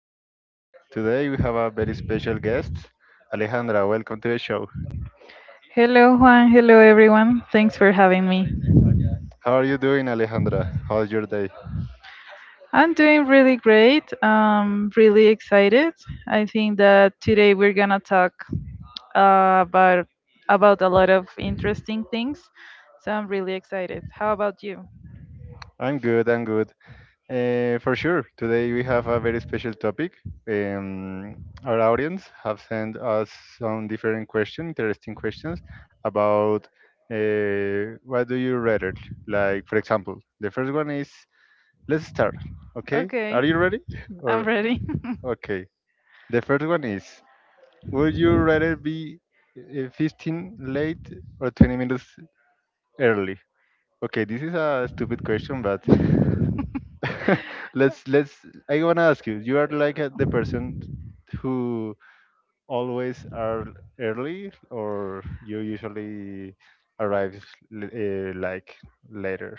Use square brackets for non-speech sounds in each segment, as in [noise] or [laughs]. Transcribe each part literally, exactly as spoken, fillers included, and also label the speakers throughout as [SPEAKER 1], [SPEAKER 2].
[SPEAKER 1] podcast. Today we have a very special guest, Alejandra. Welcome to the show.
[SPEAKER 2] Hello, Juan. Hello, everyone. Thanks for having me.
[SPEAKER 1] How are you doing, Alejandra? How's your day?
[SPEAKER 2] I'm doing really great. I'm really excited. I think that today we're gonna talk uh, about about a lot of interesting things. So I'm really excited. How about you?
[SPEAKER 1] I'm good. I'm good. Uh, for sure. Today we have a very special topic. Um, our audience have sent us some different questions, interesting questions about uh, what do you rather? Like, for example, the first one is let's start. Okay.
[SPEAKER 2] Okay,
[SPEAKER 1] Are you ready?
[SPEAKER 2] I'm
[SPEAKER 1] Or
[SPEAKER 2] ready.
[SPEAKER 1] okay. The first one is. Would you rather be uh, fifteen late or twenty minutes early? Okay, this is a stupid question, but
[SPEAKER 2] [laughs]
[SPEAKER 1] [laughs] let's let's. I wanna ask you. You are like uh, the person who always are early, or you usually arrive l- uh, like later.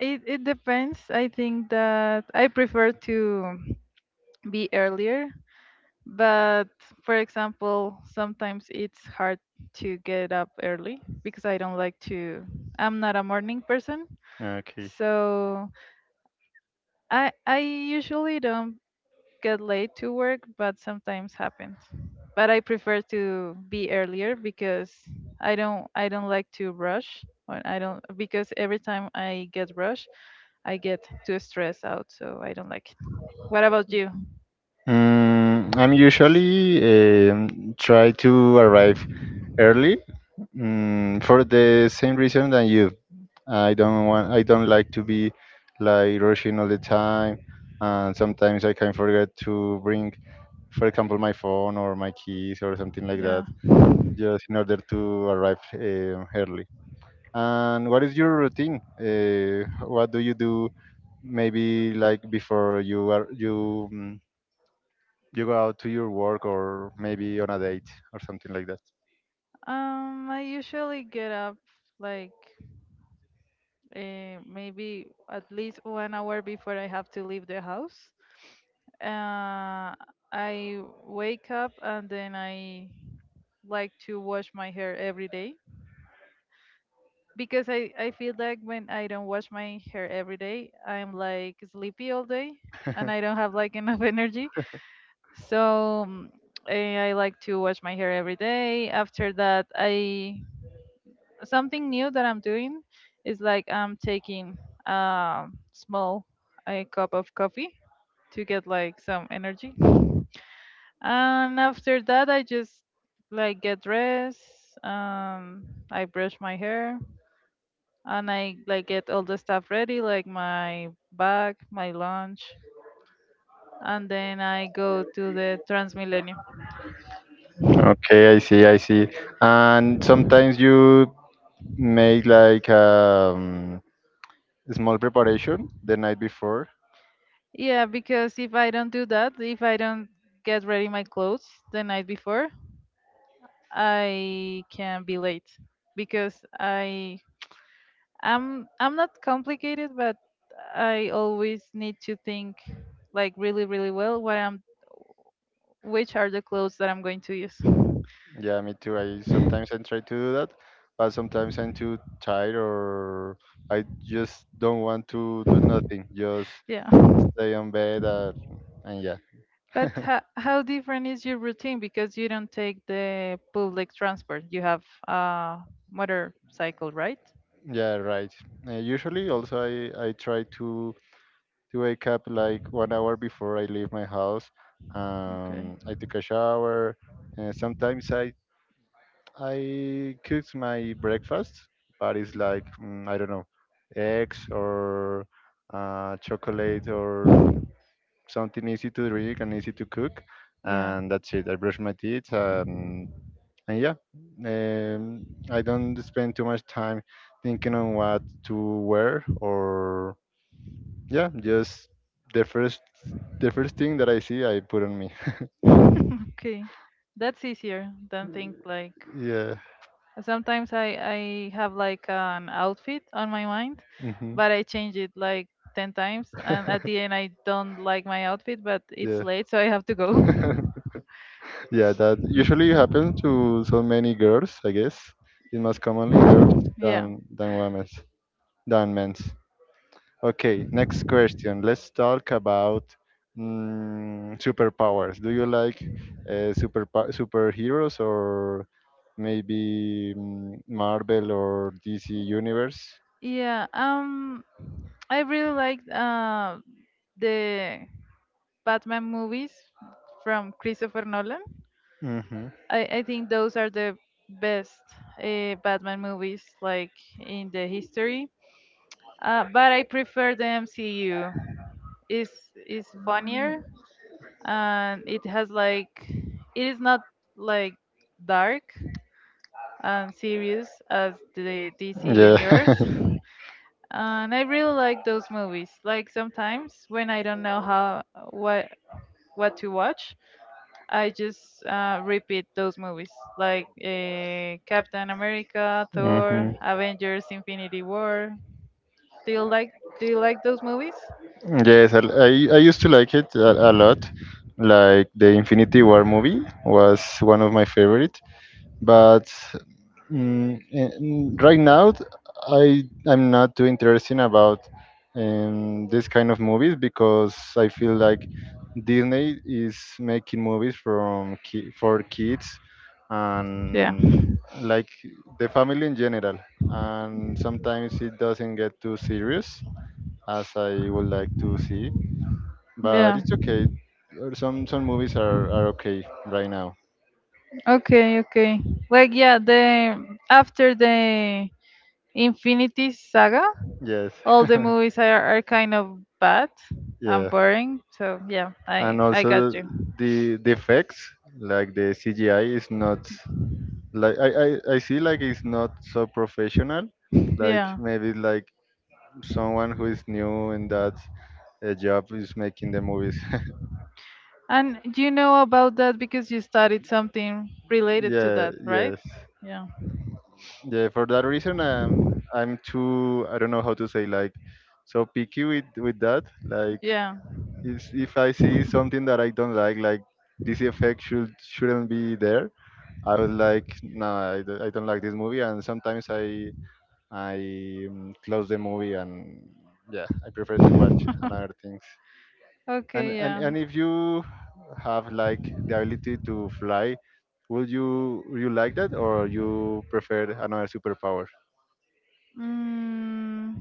[SPEAKER 2] it it depends. I think that I prefer to be earlier. But for example, sometimes it's hard to get up early because I don't like to I'm not a morning person.
[SPEAKER 1] Okay.
[SPEAKER 2] So I I usually don't get late to work, but sometimes happens. But I prefer to be earlier because I don't I don't like to rush or I don't because every time I get rushed, I get too stressed out, so I don't like it. What about you?
[SPEAKER 1] Mm, I'm usually um, try to arrive early mm, for the same reason than you. I don't want. I don't like to be like rushing all the time, and sometimes I can forget to bring, for example, my phone or my keys or something like that,
[SPEAKER 2] Yeah.
[SPEAKER 1] just in order to arrive um early. And what is your routine? Uh, what do you do? Maybe like before you are you mm, you go out to your work or maybe on a date or something like that.
[SPEAKER 2] Um, I usually get up like uh, maybe at least one hour before I have to leave the house. Uh, I wake up and then I like to wash my hair every day because I, I feel like when I don't wash my hair every day, I'm like sleepy all day and I don't
[SPEAKER 1] [laughs]
[SPEAKER 2] have like enough [laughs] energy. So mm, eh, I like to wash my hair every day. After that, I something new that I'm doing is like I'm taking a small a cup of coffee to get like some energy. And after that, I just like get dressed. Um, I brush my hair and I like get all the stuff ready, like my bag, my lunch, and then I go to the Transmilenio.
[SPEAKER 1] Okay, I see, I see. And sometimes you make like um, small preparation the night before.
[SPEAKER 2] Yeah, because if I don't do that, if I don't get ready my clothes the night before, I can be late because I I'm I'm not complicated, but I always need to think like really really well what I'm which are the clothes that I'm going to use.
[SPEAKER 1] Yeah, me too. I sometimes I try to do that, but sometimes I'm too tired or I just don't want to do nothing. Just
[SPEAKER 2] Yeah.
[SPEAKER 1] stay on bed uh, and yeah,
[SPEAKER 2] But ho- how different is your routine because you don't take the public transport? You have a motorcycle, right?
[SPEAKER 1] yeah, right. Uh, usually also I I try to to wake up like one hour before I leave my house.
[SPEAKER 2] Okay.
[SPEAKER 1] Um, I take a shower. Uh, sometimes I I cooked my breakfast, but it's like mm, I don't know, eggs or uh, chocolate or something easy to drink and easy to cook,
[SPEAKER 2] Yeah.
[SPEAKER 1] and that's it. I brush my teeth and and
[SPEAKER 2] [laughs]
[SPEAKER 1] yeah, um, I don't spend too much time thinking on what to wear or yeah, just the first the first thing that I see, I put on me. [laughs]
[SPEAKER 2] okay. That's easier than think like
[SPEAKER 1] Yeah.
[SPEAKER 2] sometimes I I have like an outfit on my mind,
[SPEAKER 1] Mhm.
[SPEAKER 2] but I change it like ten times and at the end I
[SPEAKER 1] [laughs]
[SPEAKER 2] don't like my outfit, but it's
[SPEAKER 1] Yeah.
[SPEAKER 2] late so I have to go.
[SPEAKER 1] [laughs] Yeah, that usually happens to so many girls, I guess. It's most commonly in girls
[SPEAKER 2] [laughs] yeah.
[SPEAKER 1] than than women's than men's. Okay, next question. Let's talk about mm, superpowers. Do you like uh, super superheroes or maybe mm, Marvel or D C universe?
[SPEAKER 2] Yeah. Um I really liked uh the Batman movies from Christopher Nolan.
[SPEAKER 1] hmm
[SPEAKER 2] I, I think those are the best uh, Batman movies like in the history. Uh, but I prefer the M C U. It's it's funnier and it has like it is not like dark and serious as the D C
[SPEAKER 1] Yeah.
[SPEAKER 2] universe.
[SPEAKER 1] [laughs]
[SPEAKER 2] [laughs] And I really like those movies. Like sometimes when I don't know how what what to watch, I just uh, repeat those movies like uh, Captain America, Thor,
[SPEAKER 1] hmm
[SPEAKER 2] Avengers, Infinity War. Do you like Do you like those movies?
[SPEAKER 1] Yes, I, I I used to like it a, a lot. Like the Infinity War movie was one of my favorite. But mm, eh, mm, right now, I I'm not too interested about um, this kind of movies because I feel like Disney is making movies from ki- for kids
[SPEAKER 2] Yeah,
[SPEAKER 1] and like the family in general. And sometimes it doesn't get too serious as I would like to see, but
[SPEAKER 2] yeah.
[SPEAKER 1] it's okay. Uh, Some some movies are, are okay right now.
[SPEAKER 2] Okay, okay. Like yeah, the after the Infinity Saga,
[SPEAKER 1] Yes,
[SPEAKER 2] all the
[SPEAKER 1] [laughs]
[SPEAKER 2] movies are, are kind of bad and
[SPEAKER 1] yeah,
[SPEAKER 2] boring. So yeah, I
[SPEAKER 1] and
[SPEAKER 2] I got
[SPEAKER 1] also
[SPEAKER 2] you.
[SPEAKER 1] the the effects, like the C G I, is not like I I, I see like it's not so professional. Like
[SPEAKER 2] Yeah,
[SPEAKER 1] maybe like someone who is new in that uh, job is making the movies.
[SPEAKER 2] and you know about that because you studied something
[SPEAKER 1] [laughs]
[SPEAKER 2] related to
[SPEAKER 1] Yeah,
[SPEAKER 2] that, right?
[SPEAKER 1] yes.
[SPEAKER 2] Yeah.
[SPEAKER 1] Yeah, for that reason, um, I'm too, I don't know how to say, like, so picky with with that. Like,
[SPEAKER 2] Yeah.
[SPEAKER 1] if if I see something that I don't like, like this effect should shouldn't be there. I was like, no, I, don't- I don't like this movie, and sometimes I I mm, close the movie, and yeah, I prefer to watch another things. And
[SPEAKER 2] Okay.
[SPEAKER 1] and
[SPEAKER 2] Yeah.
[SPEAKER 1] and if you have like the ability to fly, would you would you like that, or you prefer another superpower?
[SPEAKER 2] Mm,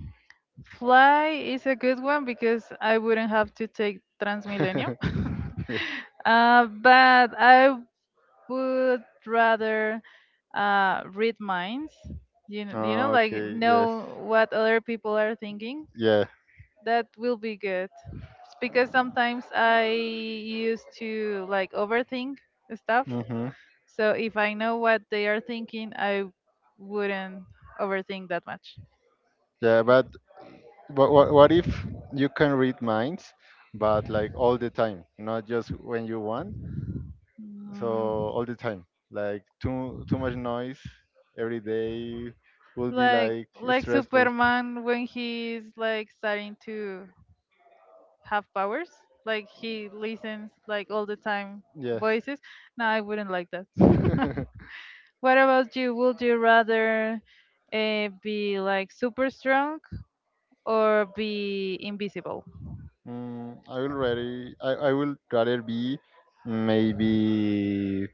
[SPEAKER 2] fly is a good one because I wouldn't have to take Transmilenio.
[SPEAKER 1] [laughs]
[SPEAKER 2] [laughs] Uh, but I would rather uh, read minds. You know, you know, like
[SPEAKER 1] Okay, yes,
[SPEAKER 2] know what other people are thinking.
[SPEAKER 1] yeah.
[SPEAKER 2] That will be good. It's because sometimes I used to like overthink stuff.
[SPEAKER 1] Mm-hmm.
[SPEAKER 2] So if I know what they are thinking, I wouldn't overthink that much.
[SPEAKER 1] Yeah, but what, what what if you can read minds, but like all the time, not just when you want. So
[SPEAKER 2] Mm,
[SPEAKER 1] all the time, like too too much noise every day will be
[SPEAKER 2] like
[SPEAKER 1] like
[SPEAKER 2] like
[SPEAKER 1] stressful.
[SPEAKER 2] Superman when he's like starting to have powers. Like he listens like all the time
[SPEAKER 1] Yes.
[SPEAKER 2] voices. No, I wouldn't like that. [laughs]
[SPEAKER 1] [laughs]
[SPEAKER 2] What about you? Would you rather uh, be like super strong or be invisible?
[SPEAKER 1] mm, I will rather I, I will rather be maybe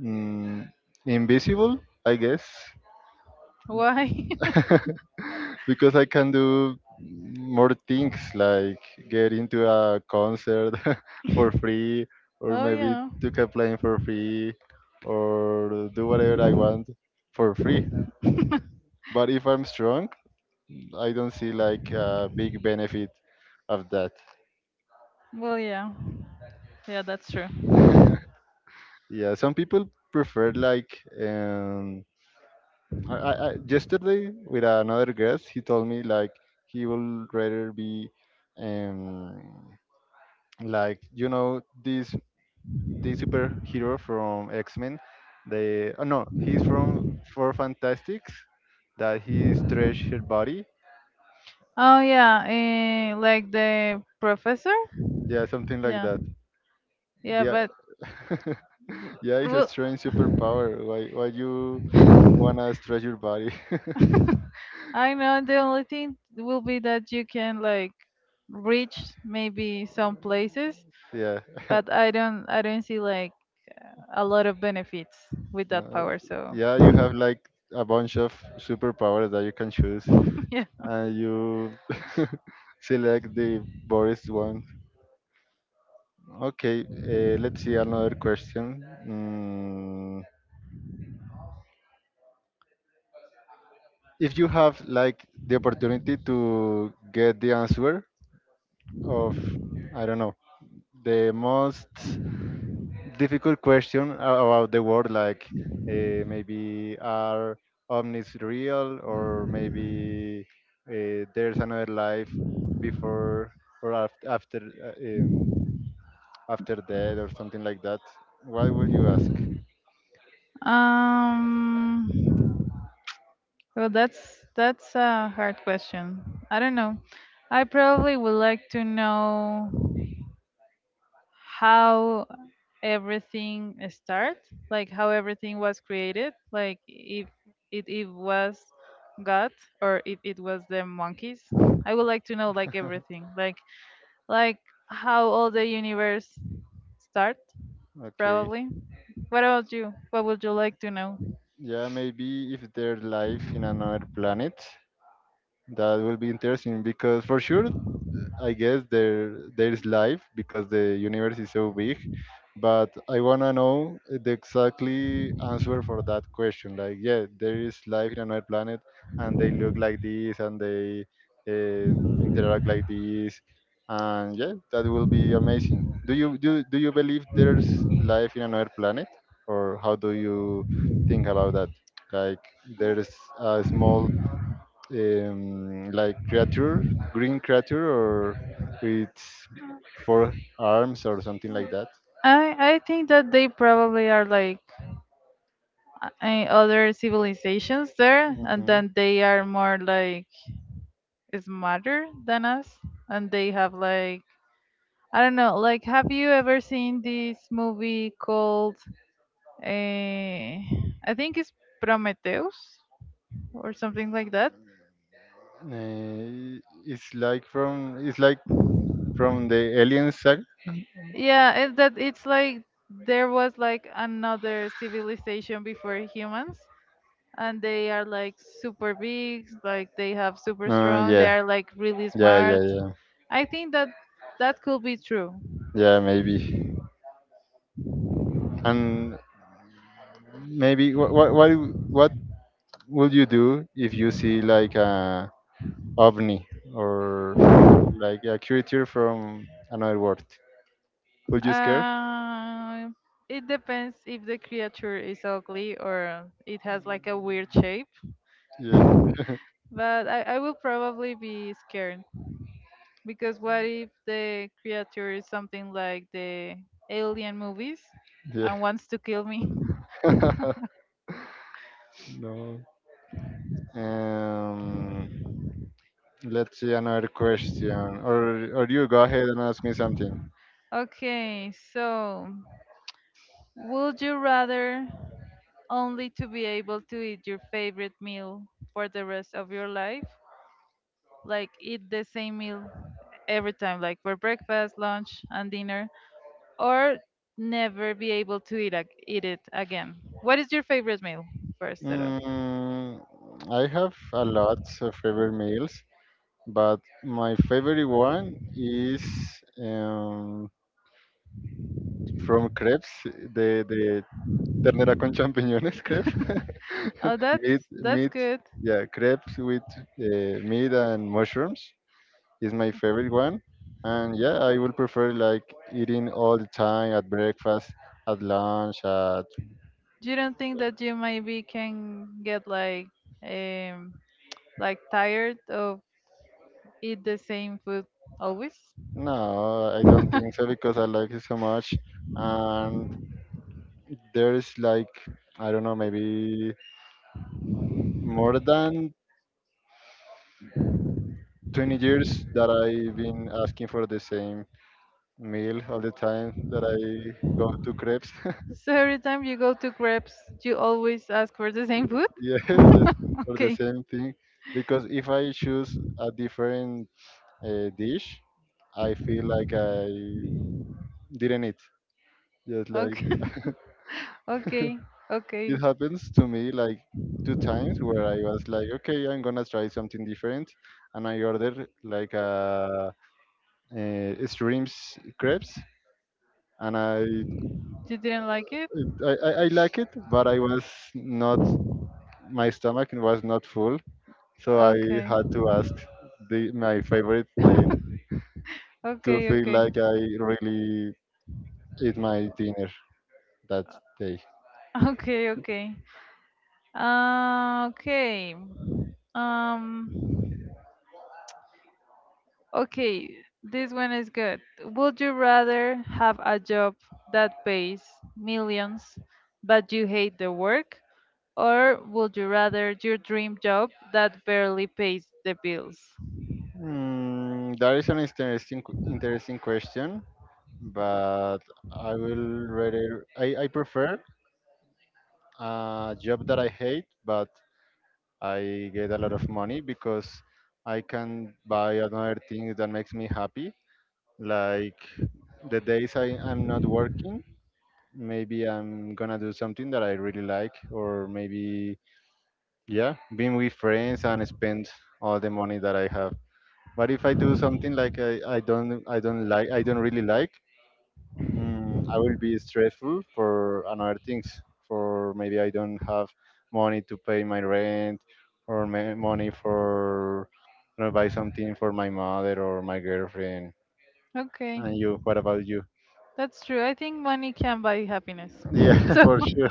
[SPEAKER 1] mm, invisible, I guess.
[SPEAKER 2] Why?
[SPEAKER 1] [laughs] Because I can do more things like get into a concert [laughs] for free
[SPEAKER 2] [laughs]
[SPEAKER 1] or
[SPEAKER 2] oh
[SPEAKER 1] maybe
[SPEAKER 2] yeah.
[SPEAKER 1] took a plane for free or do whatever I want for free. But if I'm strong, I don't see like a big benefit of that.
[SPEAKER 2] Well yeah. Yeah, that's true.
[SPEAKER 1] Yeah, some people prefer like um I, I, I yesterday with another guest he told me like he will rather be um like you know these the superhero from X Men. They oh no, he's from Four Fantastics. That he stretched her body.
[SPEAKER 2] Oh yeah, eh, like the professor?
[SPEAKER 1] Yeah, something like
[SPEAKER 2] Yeah.
[SPEAKER 1] that.
[SPEAKER 2] Yeah,
[SPEAKER 1] Yeah,
[SPEAKER 2] but
[SPEAKER 1] [laughs] yeah, it's a
[SPEAKER 2] well,
[SPEAKER 1] strange superpower. Why why you
[SPEAKER 2] [laughs]
[SPEAKER 1] wanna stretch your body? [laughs]
[SPEAKER 2] I know the only thing will be that you can like reach maybe some places,
[SPEAKER 1] Yeah. [laughs]
[SPEAKER 2] but I don't I don't see like a lot of benefits with that
[SPEAKER 1] No,
[SPEAKER 2] power. So
[SPEAKER 1] yeah, you
[SPEAKER 2] [laughs]
[SPEAKER 1] have like a bunch of superpowers that you can choose,
[SPEAKER 2] yeah.
[SPEAKER 1] and you [laughs] select the Boris one. Okay, uh, let's see another question. Mm, if you have like the opportunity to get the answer of I don't know the most difficult question a- about the world, like uh, maybe are omnis real, or maybe uh, there's another life before or after after uh, um, after death or something like that, what would you ask?
[SPEAKER 2] Um. Well, that's that's a hard question. I don't know. I probably would like to know how everything start, like how everything was created, like if it, it was god or if it was the monkeys. I would like to know like
[SPEAKER 1] [laughs]
[SPEAKER 2] everything, like like how all the universe start,
[SPEAKER 1] Okay.
[SPEAKER 2] probably. What about you? What would you like to know?
[SPEAKER 1] Yeah, maybe if there's life in another planet, that will be interesting because for sure I guess there there is life because the universe is so big. But I wanna know the exactly answer for that question. Like, yeah, there is life in another planet, and they look like this, and they um, interact like this, and yeah, that will be amazing. Do you do do you believe there's life in another planet, or how do you think about that? Like, there's a small um, like creature, green creature, or with four arms or something like that.
[SPEAKER 2] I i think that they probably are like uh, other civilizations there, and
[SPEAKER 1] Mhm.
[SPEAKER 2] then they are more like smarter than us, and they have like I don't know. Like, have you ever seen this movie called, uh, I think it's Prometheus or something like that?
[SPEAKER 1] Uh, it's like from it's like from the Alien saga.
[SPEAKER 2] Yeah, it, that it's like there was like another civilization before humans, and they are like super big, like they have super
[SPEAKER 1] Uh,
[SPEAKER 2] strong, they
[SPEAKER 1] yeah,
[SPEAKER 2] are like really
[SPEAKER 1] yeah, yeah,
[SPEAKER 2] smart.
[SPEAKER 1] yeah,
[SPEAKER 2] I think that that could be true.
[SPEAKER 1] yeah, maybe. And maybe what what what w- what would you do if you see like a ovni or like a creature from another world? Would you scare?
[SPEAKER 2] Uh, it depends if the creature is ugly or it has like a weird shape.
[SPEAKER 1] Yeah.
[SPEAKER 2] But I, I will probably be scared because what if the creature is something like the alien movies
[SPEAKER 1] Yeah.
[SPEAKER 2] and wants to kill me? [laughs]
[SPEAKER 1] [laughs] No. Um, let's see another question, or or you go ahead and ask me something.
[SPEAKER 2] Okay, so would you rather only to be able to eat your favorite meal for the rest of your life? Like eat the same meal every time, like for breakfast, lunch, and dinner, or never be able to eat, ag- eat it again? What is your favorite meal, first of all?
[SPEAKER 1] Mm, I have a lot of favorite meals, but my favorite one is um, from crepes, the the ternera con champiñones crepes,
[SPEAKER 2] Oh,
[SPEAKER 1] [laughs] meat
[SPEAKER 2] that's that's
[SPEAKER 1] meat,
[SPEAKER 2] good.
[SPEAKER 1] yeah, crepes with uh, meat and mushrooms. Is my favorite one. And yeah, I will prefer like eating all the time at breakfast, at lunch, at
[SPEAKER 2] Do you don't think that you maybe can get like um like tired of eat the same food always?
[SPEAKER 1] no, I don't
[SPEAKER 2] [laughs]
[SPEAKER 1] think so because I like it so much. And there's like I don't know, maybe more than twenty years that I've been asking for the same meal all the time that I go to crepes. [laughs]
[SPEAKER 2] So every time you go to crepes, you always ask for the same food?
[SPEAKER 1] Yeah, the,
[SPEAKER 2] [laughs]
[SPEAKER 1] for the
[SPEAKER 2] Okay.
[SPEAKER 1] same thing. Because if I choose a different uh, dish, I feel like I didn't eat. Just like
[SPEAKER 2] Okay. [laughs] okay.
[SPEAKER 1] [laughs]
[SPEAKER 2] Okay.
[SPEAKER 1] it happens to me like two times where I was like, okay, I'm gonna try something different, and I ordered like a, uh shrimps crepes, and I,
[SPEAKER 2] You didn't like it?
[SPEAKER 1] I I I like it, but I was not my stomach was not full, so I
[SPEAKER 2] Okay.
[SPEAKER 1] had to ask the my favorite plate to
[SPEAKER 2] Okay.
[SPEAKER 1] feel
[SPEAKER 2] Okay.
[SPEAKER 1] like I really eat my dinner that day.
[SPEAKER 2] Okay. Okay. Uh, okay. Um. Okay, this one is good. Would you rather have a job that pays millions but you hate the work? Or would you rather your dream job that barely pays the bills?
[SPEAKER 1] Mm, that is an interesting q- interesting question, but I will rather I, I prefer a job that I hate, but I get a lot of money because I can buy another thing that makes me happy. Like the days I, I'm not working, maybe I'm gonna do something that I really like, or maybe yeah, being with friends and spend all the money that I have. But if I do something like I, I don't I don't like I don't really like, mm, I will be stressful for another things. For maybe I don't have money to pay my rent, or ma- money for you know, buy something for my mother or my girlfriend.
[SPEAKER 2] Okay,
[SPEAKER 1] And you, what about you?
[SPEAKER 2] that's true. I think money can buy happiness.
[SPEAKER 1] Yeah,
[SPEAKER 2] [laughs]
[SPEAKER 1] [laughs]
[SPEAKER 2] So, [laughs]
[SPEAKER 1] for sure.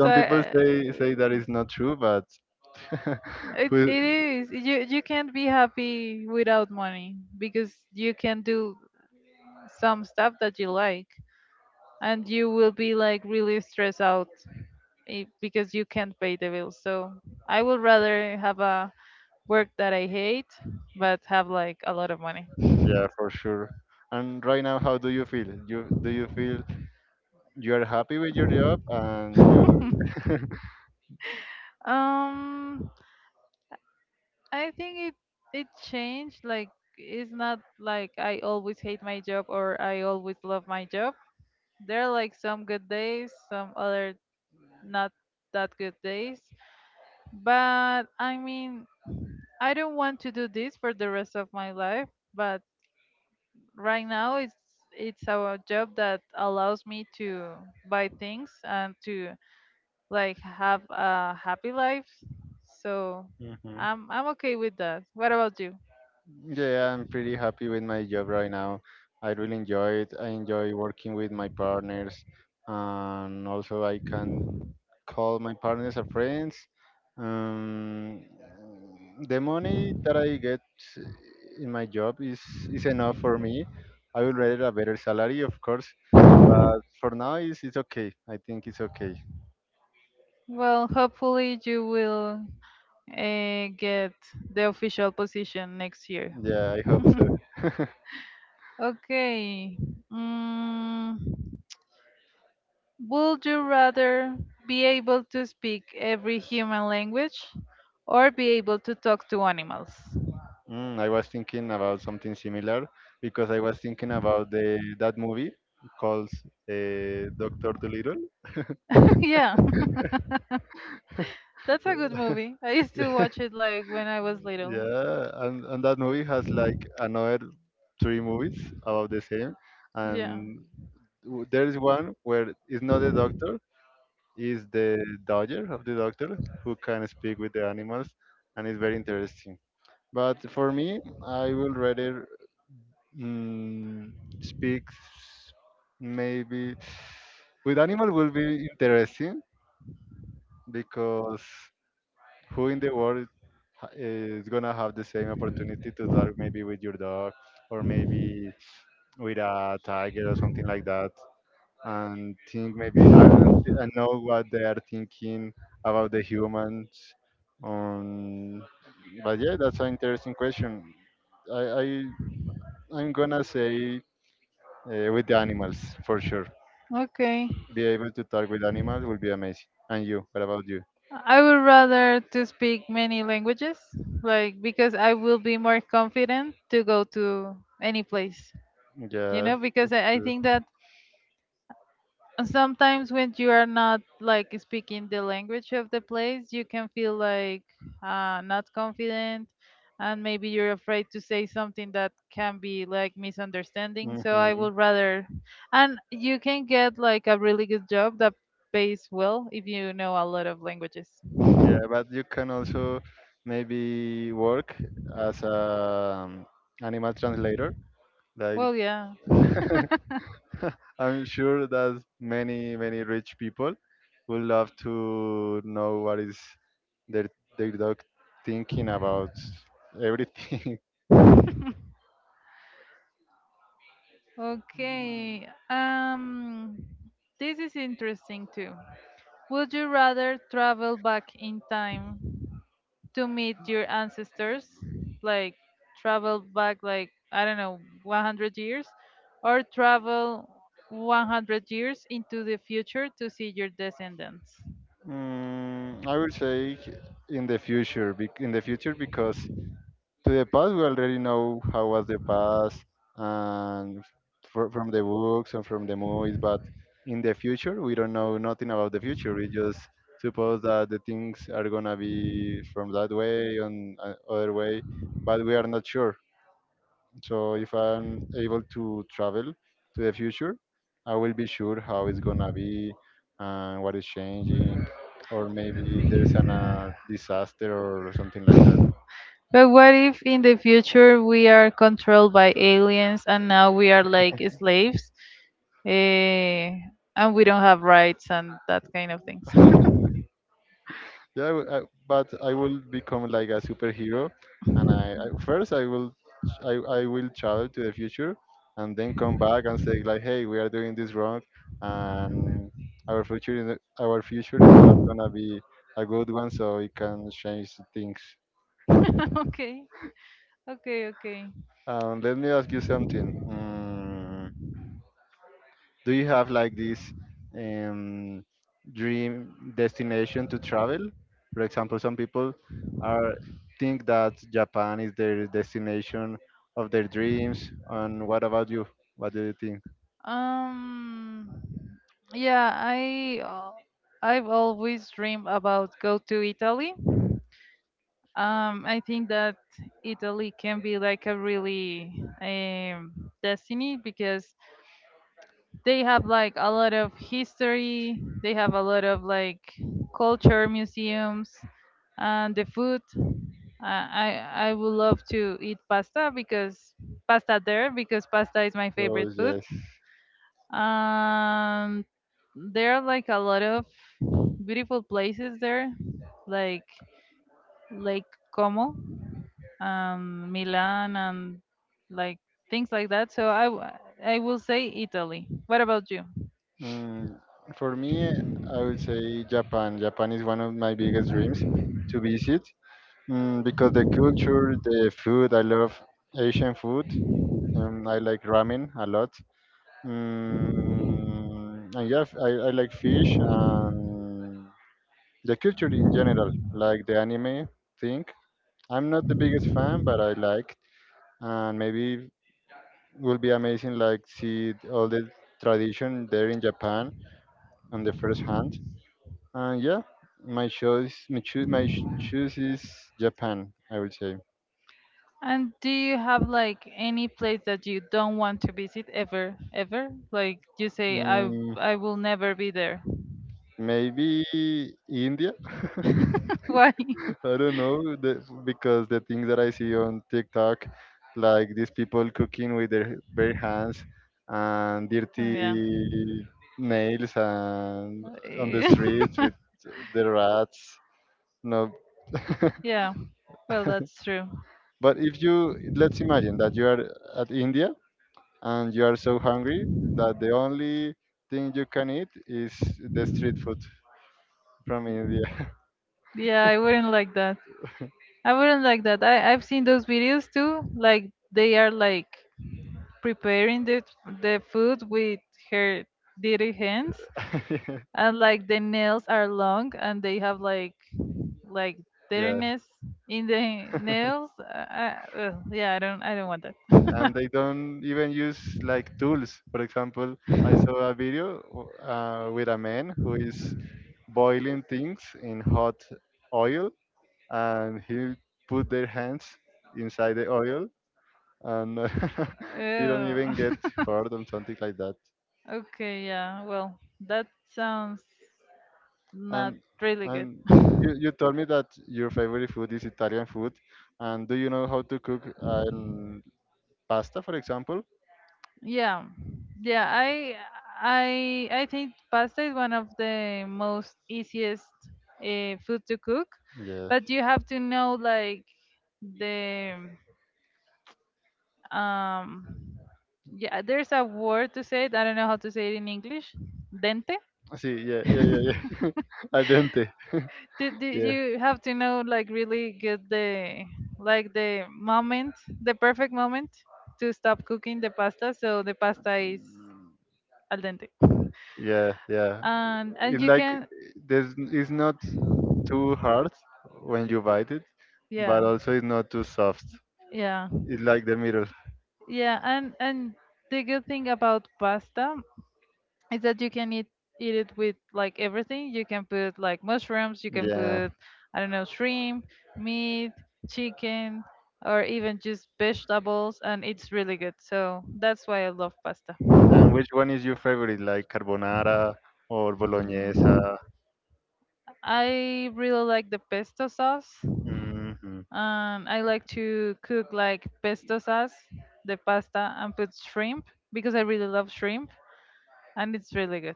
[SPEAKER 2] so
[SPEAKER 1] people
[SPEAKER 2] uh,
[SPEAKER 1] say say that is not true, but [laughs]
[SPEAKER 2] it
[SPEAKER 1] who-
[SPEAKER 2] it is. You you can't be happy without money because you can do some stuff that you like. And you will be like really stressed out eh, because you can't pay the bills. So I would rather have a work that I hate but have like a lot of money.
[SPEAKER 1] yeah, for sure. And right now, how do you feel? You Do you feel you are happy with your job and you
[SPEAKER 2] [laughs] Um, I think it it changed. Like, it's not like I always hate my job or I always love my job. There are like some good days, some other not that good days. But I mean, I don't want to do this for the rest of my life. But right now it's it's a job that allows me to buy things and to like have a happy life, so
[SPEAKER 1] hmm
[SPEAKER 2] i'm i'm okay with that. What about you?
[SPEAKER 1] yeah, I'm pretty happy with my job right now. I really enjoy it. I enjoy working with my partners, and also I can call my partners a friends. Um, the money that I get in my job is is enough for me. I would rather a better salary, of course, but for now, it's it's okay. I think it's okay.
[SPEAKER 2] Well, hopefully you will uh, get the official position next year.
[SPEAKER 1] Yeah, I hope so. [laughs]
[SPEAKER 2] Okay. mm, would you rather be able to speak every human language or be able to talk to animals?
[SPEAKER 1] Mm, I was thinking about something similar because I was thinking about the that movie called uh, Doctor Dolittle.
[SPEAKER 2] [laughs] yeah [laughs] That's a good movie. I used to watch it
[SPEAKER 1] [laughs]
[SPEAKER 2] like when I was little.
[SPEAKER 1] Yeah, and, and that movie has like another three movies about the same,
[SPEAKER 2] Yeah.
[SPEAKER 1] and w- there is one where it's not the doctor, is the dodger of the doctor who can speak with the animals, and it's very interesting. But for me, I will rather mm, speaks maybe with animal will be interesting because who in the world ha- is gonna have the same opportunity to talk maybe with your dog or maybe with a tiger or something like that and think maybe and, and know what they are thinking about the humans um, but yeah, that's an interesting question. I, I I'm gonna say uh, with the animals for sure.
[SPEAKER 2] Okay.
[SPEAKER 1] Be able to talk with animals will be amazing. And you, what about you?
[SPEAKER 2] I would rather to speak many languages, like because I will be more confident to go to any place. You
[SPEAKER 1] Yeah,
[SPEAKER 2] know, because
[SPEAKER 1] that's
[SPEAKER 2] I, I
[SPEAKER 1] true.
[SPEAKER 2] think that and sometimes when you are not like speaking the language of the place, you can feel like uh, not confident, and maybe you're afraid to say something that can be like misunderstanding. So I
[SPEAKER 1] Hmm.
[SPEAKER 2] would rather, and you can get like a really good job that pays well if you know a lot of languages.
[SPEAKER 1] Yeah, but you can also maybe work as a um, animal translator. Like,
[SPEAKER 2] Well, yeah.
[SPEAKER 1] [laughs] I'm sure that many many rich people would love
[SPEAKER 2] [laughs]
[SPEAKER 1] to know what is their their dog thinking about everything. [laughs]
[SPEAKER 2] Okay. Um, this is interesting too. Would you rather travel back in time to meet your ancestors, like travel back like I don't know, one hundred years, or travel one hundred years into the future to see your descendants?
[SPEAKER 1] Mm, I would say in the future, bec- in the future because to the past, we already know how was the past and fr- from the books and from the movies. But in the future, we don't know nothing about the future. We just suppose that the things are gonna be from that way and uh, other way, but we are not sure. So if I'm able to travel to the future, I will be sure how it's gonna be and what is changing, or maybe there's an a disaster or something like that.
[SPEAKER 2] But what if in the future we are controlled by aliens and now we are like slaves? eh, and we don't have rights and that kind of things.
[SPEAKER 1] Yeah, I, w- I- but I will become like a superhero, and I, I first I will ch- I, I will travel to the future, and then come back and say like, hey, we are doing this wrong, and our future is our future is not gonna be a good one, so we can change things.
[SPEAKER 2] [laughs] okay, okay, okay.
[SPEAKER 1] Um, let me ask you something. Mm, do you have like this um, dream destination to travel? For example, some people are think that Japan is their destination of their dreams. And what about you? What do you think?
[SPEAKER 2] Um, yeah, I uh, I've always dreamed about go to Italy. Um, I think that Italy can be like a really um, destiny because they have like a lot of history. They have a lot of like culture museums and the food. I I I would love to eat pasta because pasta there because pasta is my favorite
[SPEAKER 1] Oh
[SPEAKER 2] food.
[SPEAKER 1] yes.
[SPEAKER 2] Um, there are like a lot of beautiful places there, like Lake Como, um, Milan, and like things like that. So I w- I will say Italy. What about you?
[SPEAKER 1] Mm, for me, I would say Japan. Japan is one of my biggest dreams to visit, mm, because the culture, the food. I love Asian food. Um, I like ramen a lot. Mm, and yeah, I, I like fish and the culture in general, like the anime thing. I'm not the biggest fan, but I liked, and maybe will be amazing like see all the tradition there in Japan on the first hand. And yeah, my choice, my choose, my sh- choose is Japan, I would say.
[SPEAKER 2] And do you have like any place that you don't want to visit ever, ever? Like you say, I
[SPEAKER 1] Mm,
[SPEAKER 2] I will never be there.
[SPEAKER 1] maybe India.
[SPEAKER 2] [laughs] Why?
[SPEAKER 1] I don't know the, because the things that I see on TikTok, like these people cooking with their bare hands and
[SPEAKER 2] Oh yeah.
[SPEAKER 1] dirty nails and on the
[SPEAKER 2] Eh,
[SPEAKER 1] streets with
[SPEAKER 2] [laughs]
[SPEAKER 1] the rats. No,
[SPEAKER 2] yeah. Well, that's true.
[SPEAKER 1] but if you let's imagine that you are at India and you are so hungry that the only thing you can eat is the street food from India.
[SPEAKER 2] Yeah, I wouldn't like that. I wouldn't like that. I I've seen those videos too. Like they are like preparing the the food with her dirty hands,
[SPEAKER 1] [laughs]
[SPEAKER 2] and like the nails are long and they have like like
[SPEAKER 1] Yeah.
[SPEAKER 2] dirtiness in the nails. Uh, uh, ugh, yeah, I don't I don't want that.
[SPEAKER 1] And
[SPEAKER 2] [laughs]
[SPEAKER 1] they don't even use like tools. For example, I saw a video uh, with a man who is boiling things in hot oil, and he put their hands inside the oil, and [laughs] he don't
[SPEAKER 2] Yeah.
[SPEAKER 1] even get
[SPEAKER 2] [laughs]
[SPEAKER 1] hurt or something like that.
[SPEAKER 2] okay, yeah. Well, that sounds not
[SPEAKER 1] And
[SPEAKER 2] really good.
[SPEAKER 1] and
[SPEAKER 2] [laughs]
[SPEAKER 1] you, you told me that your favorite food is Italian food, and do you know how to cook um, pasta, for example?
[SPEAKER 2] Yeah. Yeah, I I I think pasta is one of the most easiest uh, food to cook,
[SPEAKER 1] Yeah.
[SPEAKER 2] but you have to know like the um yeah, there's a word to say it. I don't know how to say it in English. Dente.
[SPEAKER 1] See, yeah, yeah, yeah, yeah.
[SPEAKER 2] [laughs]
[SPEAKER 1] [laughs] Al dente.
[SPEAKER 2] Did, did
[SPEAKER 1] Yeah,
[SPEAKER 2] you have to know like really get the like the moment, the perfect moment to stop cooking the pasta so the pasta is al dente.
[SPEAKER 1] yeah, yeah.
[SPEAKER 2] And and
[SPEAKER 1] It's
[SPEAKER 2] you
[SPEAKER 1] like
[SPEAKER 2] can
[SPEAKER 1] there's it's not too hard when you bite it, but
[SPEAKER 2] yeah.
[SPEAKER 1] also it's not too soft.
[SPEAKER 2] Yeah.
[SPEAKER 1] It's like the middle.
[SPEAKER 2] Yeah, and and the good thing about pasta is that you can eat eat it with like everything. You can put like mushrooms, you can
[SPEAKER 1] Yeah.
[SPEAKER 2] put I don't know, shrimp, meat, chicken, or even just vegetables and it's really good. So that's why I love pasta.
[SPEAKER 1] And which one is your favorite? Like carbonara or bolognese?
[SPEAKER 2] Mm, I really like the pesto sauce.
[SPEAKER 1] Hmm.
[SPEAKER 2] Um, I like to cook like pesto sauce, the pasta, and put shrimp because I really love shrimp and it's really good.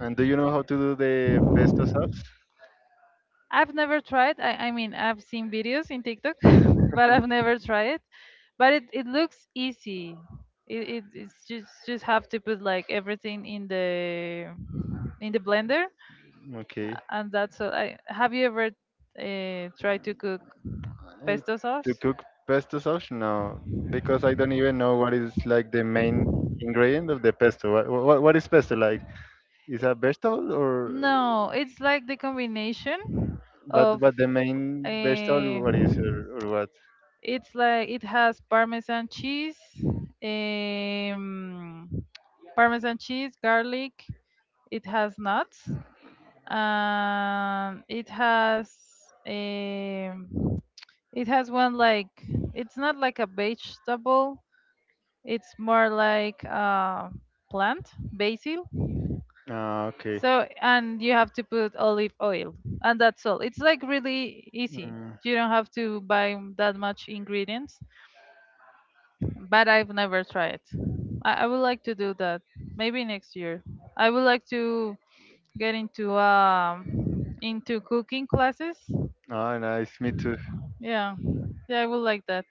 [SPEAKER 1] And do you know how to do the pesto sauce?
[SPEAKER 2] I've never tried. I, I mean, I've seen videos in TikTok, [laughs] but I've never tried it. But it, it looks easy. It, it it's just just have to put like everything in the in the blender
[SPEAKER 1] Okay.
[SPEAKER 2] and that's all. I have you ever uh, tried to cook
[SPEAKER 1] I,
[SPEAKER 2] pesto
[SPEAKER 1] to
[SPEAKER 2] sauce?
[SPEAKER 1] cook pesto sauce? No, because I don't even know what is like the main ingredient of the pesto. What what, what is pesto like? Is a vegetable or
[SPEAKER 2] No, it's like the combination
[SPEAKER 1] but
[SPEAKER 2] of
[SPEAKER 1] but the main
[SPEAKER 2] uh,
[SPEAKER 1] vegetable what is or, or what?
[SPEAKER 2] it's like it has parmesan cheese, um, parmesan cheese, garlic. It has nuts. Um, it has um, it has one like it's not like a vegetable. It's more like a plant, basil.
[SPEAKER 1] Ah, okay.
[SPEAKER 2] So, and you have to put olive oil, and that's all. It's like really easy.
[SPEAKER 1] Mm,
[SPEAKER 2] You don't have to buy that much ingredients, but I've never tried. I, I would like to do that. Maybe next year. I would like to get into um into cooking classes.
[SPEAKER 1] ah, nice. Me too.
[SPEAKER 2] Yeah. Yeah, I would like that.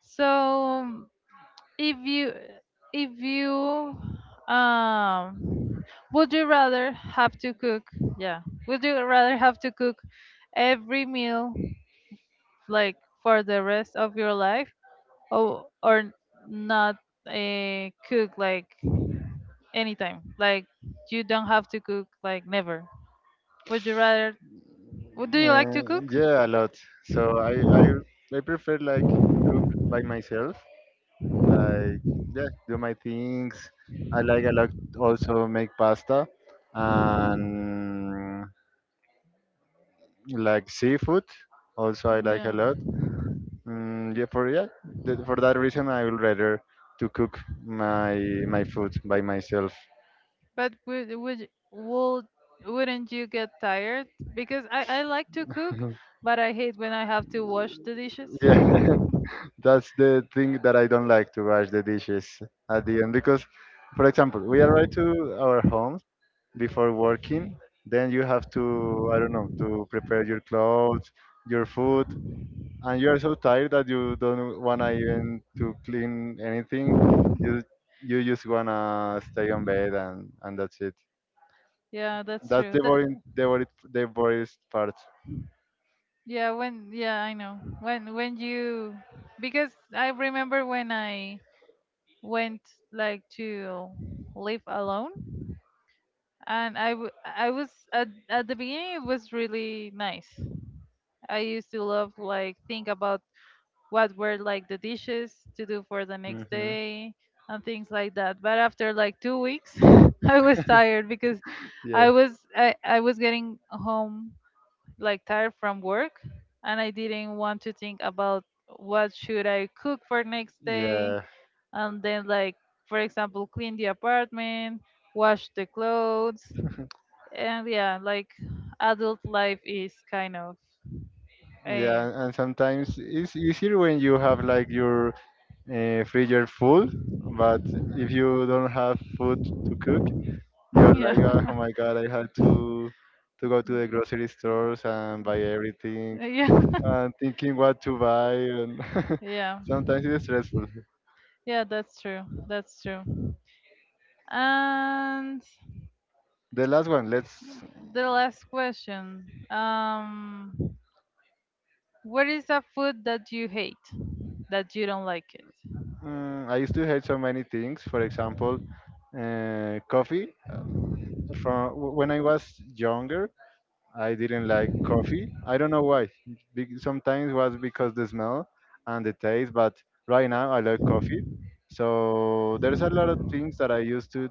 [SPEAKER 2] So, if you if you um Would you rather have to cook? Yeah. Would you rather have to cook every meal like for the rest of your life or or not uh, cook like anytime? Like you don't have to cook like never. Would you rather would do you like to
[SPEAKER 1] Uh,
[SPEAKER 2] cook?
[SPEAKER 1] yeah, a lot. So I, I I prefer like cook by myself. Like yeah, do my things. I like a lot also make pasta and like seafood. Also I like a
[SPEAKER 2] No.
[SPEAKER 1] lot. Mm, yeah, for yeah, th- for that reason I would rather to cook my my food by myself.
[SPEAKER 2] But would would would wouldn't you get tired? Because I I like to cook,
[SPEAKER 1] [laughs]
[SPEAKER 2] but I hate when I have to wash the dishes.
[SPEAKER 1] Yeah. That's the thing that I don't like, to wash the dishes at the end because, for example, we arrive to our homes before working. Then you have to, I don't know, to prepare your clothes, your food, and you're so tired that you don't wanna even to clean anything. You you just wanna stay on bed and and that's it.
[SPEAKER 2] Yeah, that's
[SPEAKER 1] That's
[SPEAKER 2] true.
[SPEAKER 1] the
[SPEAKER 2] That,
[SPEAKER 1] boring, the boring, The boring part.
[SPEAKER 2] yeah, when yeah, I know. When when you because I remember when I went like to live alone and I w- I was at at the beginning it was really nice. I used to love like think about what were like the dishes to do for the next
[SPEAKER 1] Hmm.
[SPEAKER 2] day and things like that. But after like two weeks, [laughs] I was tired because
[SPEAKER 1] Yeah,
[SPEAKER 2] I was I, I was getting home like tired from work and I didn't want to think about what should I cook for next day
[SPEAKER 1] yeah,
[SPEAKER 2] and then like for example clean the apartment, wash the clothes and yeah like adult life is kind of a.
[SPEAKER 1] yeah. And sometimes it's easier when you have like your uh, freezer full, but if you don't have food to cook,
[SPEAKER 2] [laughs]
[SPEAKER 1] you're
[SPEAKER 2] Yeah.
[SPEAKER 1] like, "Ah,
[SPEAKER 2] [laughs]
[SPEAKER 1] oh, my God, I had to to go to the grocery stores and buy everything
[SPEAKER 2] yeah. [laughs]
[SPEAKER 1] and thinking what to buy," and
[SPEAKER 2] Yeah,
[SPEAKER 1] [laughs] sometimes it's stressful.
[SPEAKER 2] yeah, that's true. That's true. And
[SPEAKER 1] The last one, let's
[SPEAKER 2] the last question. Um, what is a food that you hate? That you don't like it?
[SPEAKER 1] Mm, I used to hate so many things. For example, uh, coffee. From wh- when I was younger, I didn't like coffee. I don't know why. Be- Sometimes was because the smell and the taste, but right now I like coffee. So there's a lot of things that I used to,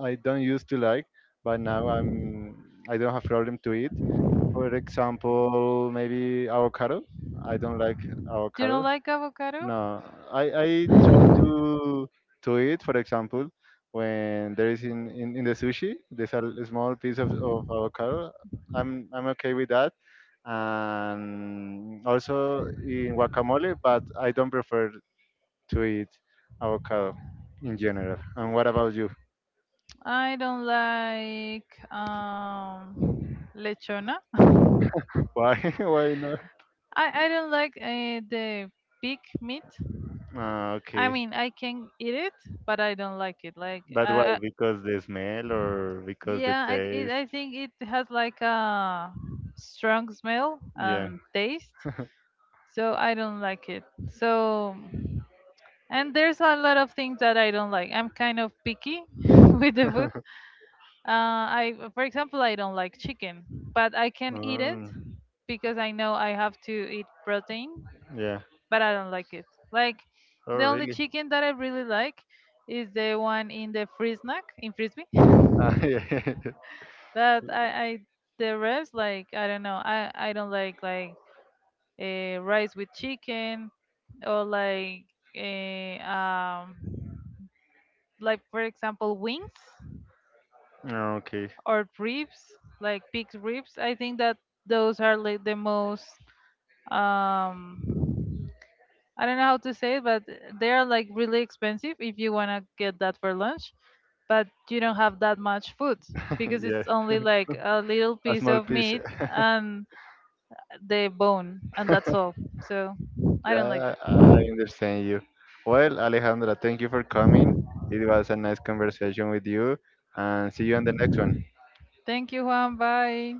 [SPEAKER 1] I don't used to like, but now I'm, I don't have problem to eat. For example, maybe avocado. I don't like
[SPEAKER 2] You don't
[SPEAKER 1] avocado.
[SPEAKER 2] like avocado?
[SPEAKER 1] No, I I try to to eat, for example, when there is in in, in the sushi, there's a l- small piece of, of avocado. I'm I'm okay with that, and also in guacamole, but I don't prefer to eat avocado in general. And what about you?
[SPEAKER 2] I don't like um lechona.
[SPEAKER 1] [laughs] Why [laughs] why not?
[SPEAKER 2] I I don't like uh, the pig meat.
[SPEAKER 1] Ah,
[SPEAKER 2] I
[SPEAKER 1] okay.
[SPEAKER 2] mean, I can eat it, but I don't like it. Like
[SPEAKER 1] But why?
[SPEAKER 2] I.
[SPEAKER 1] Because the smell or because the
[SPEAKER 2] Yeah, I it,
[SPEAKER 1] taste?
[SPEAKER 2] I think it has like a strong smell
[SPEAKER 1] Yeah.
[SPEAKER 2] and taste, so I don't like it. So, and there's a lot of things that I don't like. I'm kind of picky [laughs] with the food. Uh, I, for example, I don't like chicken, but I can eat it
[SPEAKER 1] Um,
[SPEAKER 2] because I know I have to eat protein,
[SPEAKER 1] yeah.
[SPEAKER 2] but I don't like it. Like
[SPEAKER 1] Oh,
[SPEAKER 2] the only
[SPEAKER 1] really? [laughs]
[SPEAKER 2] chicken that I really like is the one in the free snack in Frisbee.
[SPEAKER 1] Ah, yeah.
[SPEAKER 2] But I, I the rest like I don't know. I I don't like like uh, rice with chicken or like uh, um like for example wings
[SPEAKER 1] Ah, okay.
[SPEAKER 2] or ribs like pig's ribs. I think that those are like the most um I don't know how to say it, but they are like really expensive if you wanna get that for lunch. But you don't have that much food
[SPEAKER 1] [laughs]
[SPEAKER 2] because
[SPEAKER 1] Yes,
[SPEAKER 2] it's only like a little
[SPEAKER 1] a
[SPEAKER 2] piece
[SPEAKER 1] small
[SPEAKER 2] of
[SPEAKER 1] piece.
[SPEAKER 2] meat
[SPEAKER 1] [laughs]
[SPEAKER 2] and the bone, and that's all. So I don't like
[SPEAKER 1] Yeah,
[SPEAKER 2] that.
[SPEAKER 1] I I understand you. Well, Alejandra, thank you for coming. It was a nice conversation with you, and see you on the next one.
[SPEAKER 2] Thank you, Juan. Bye.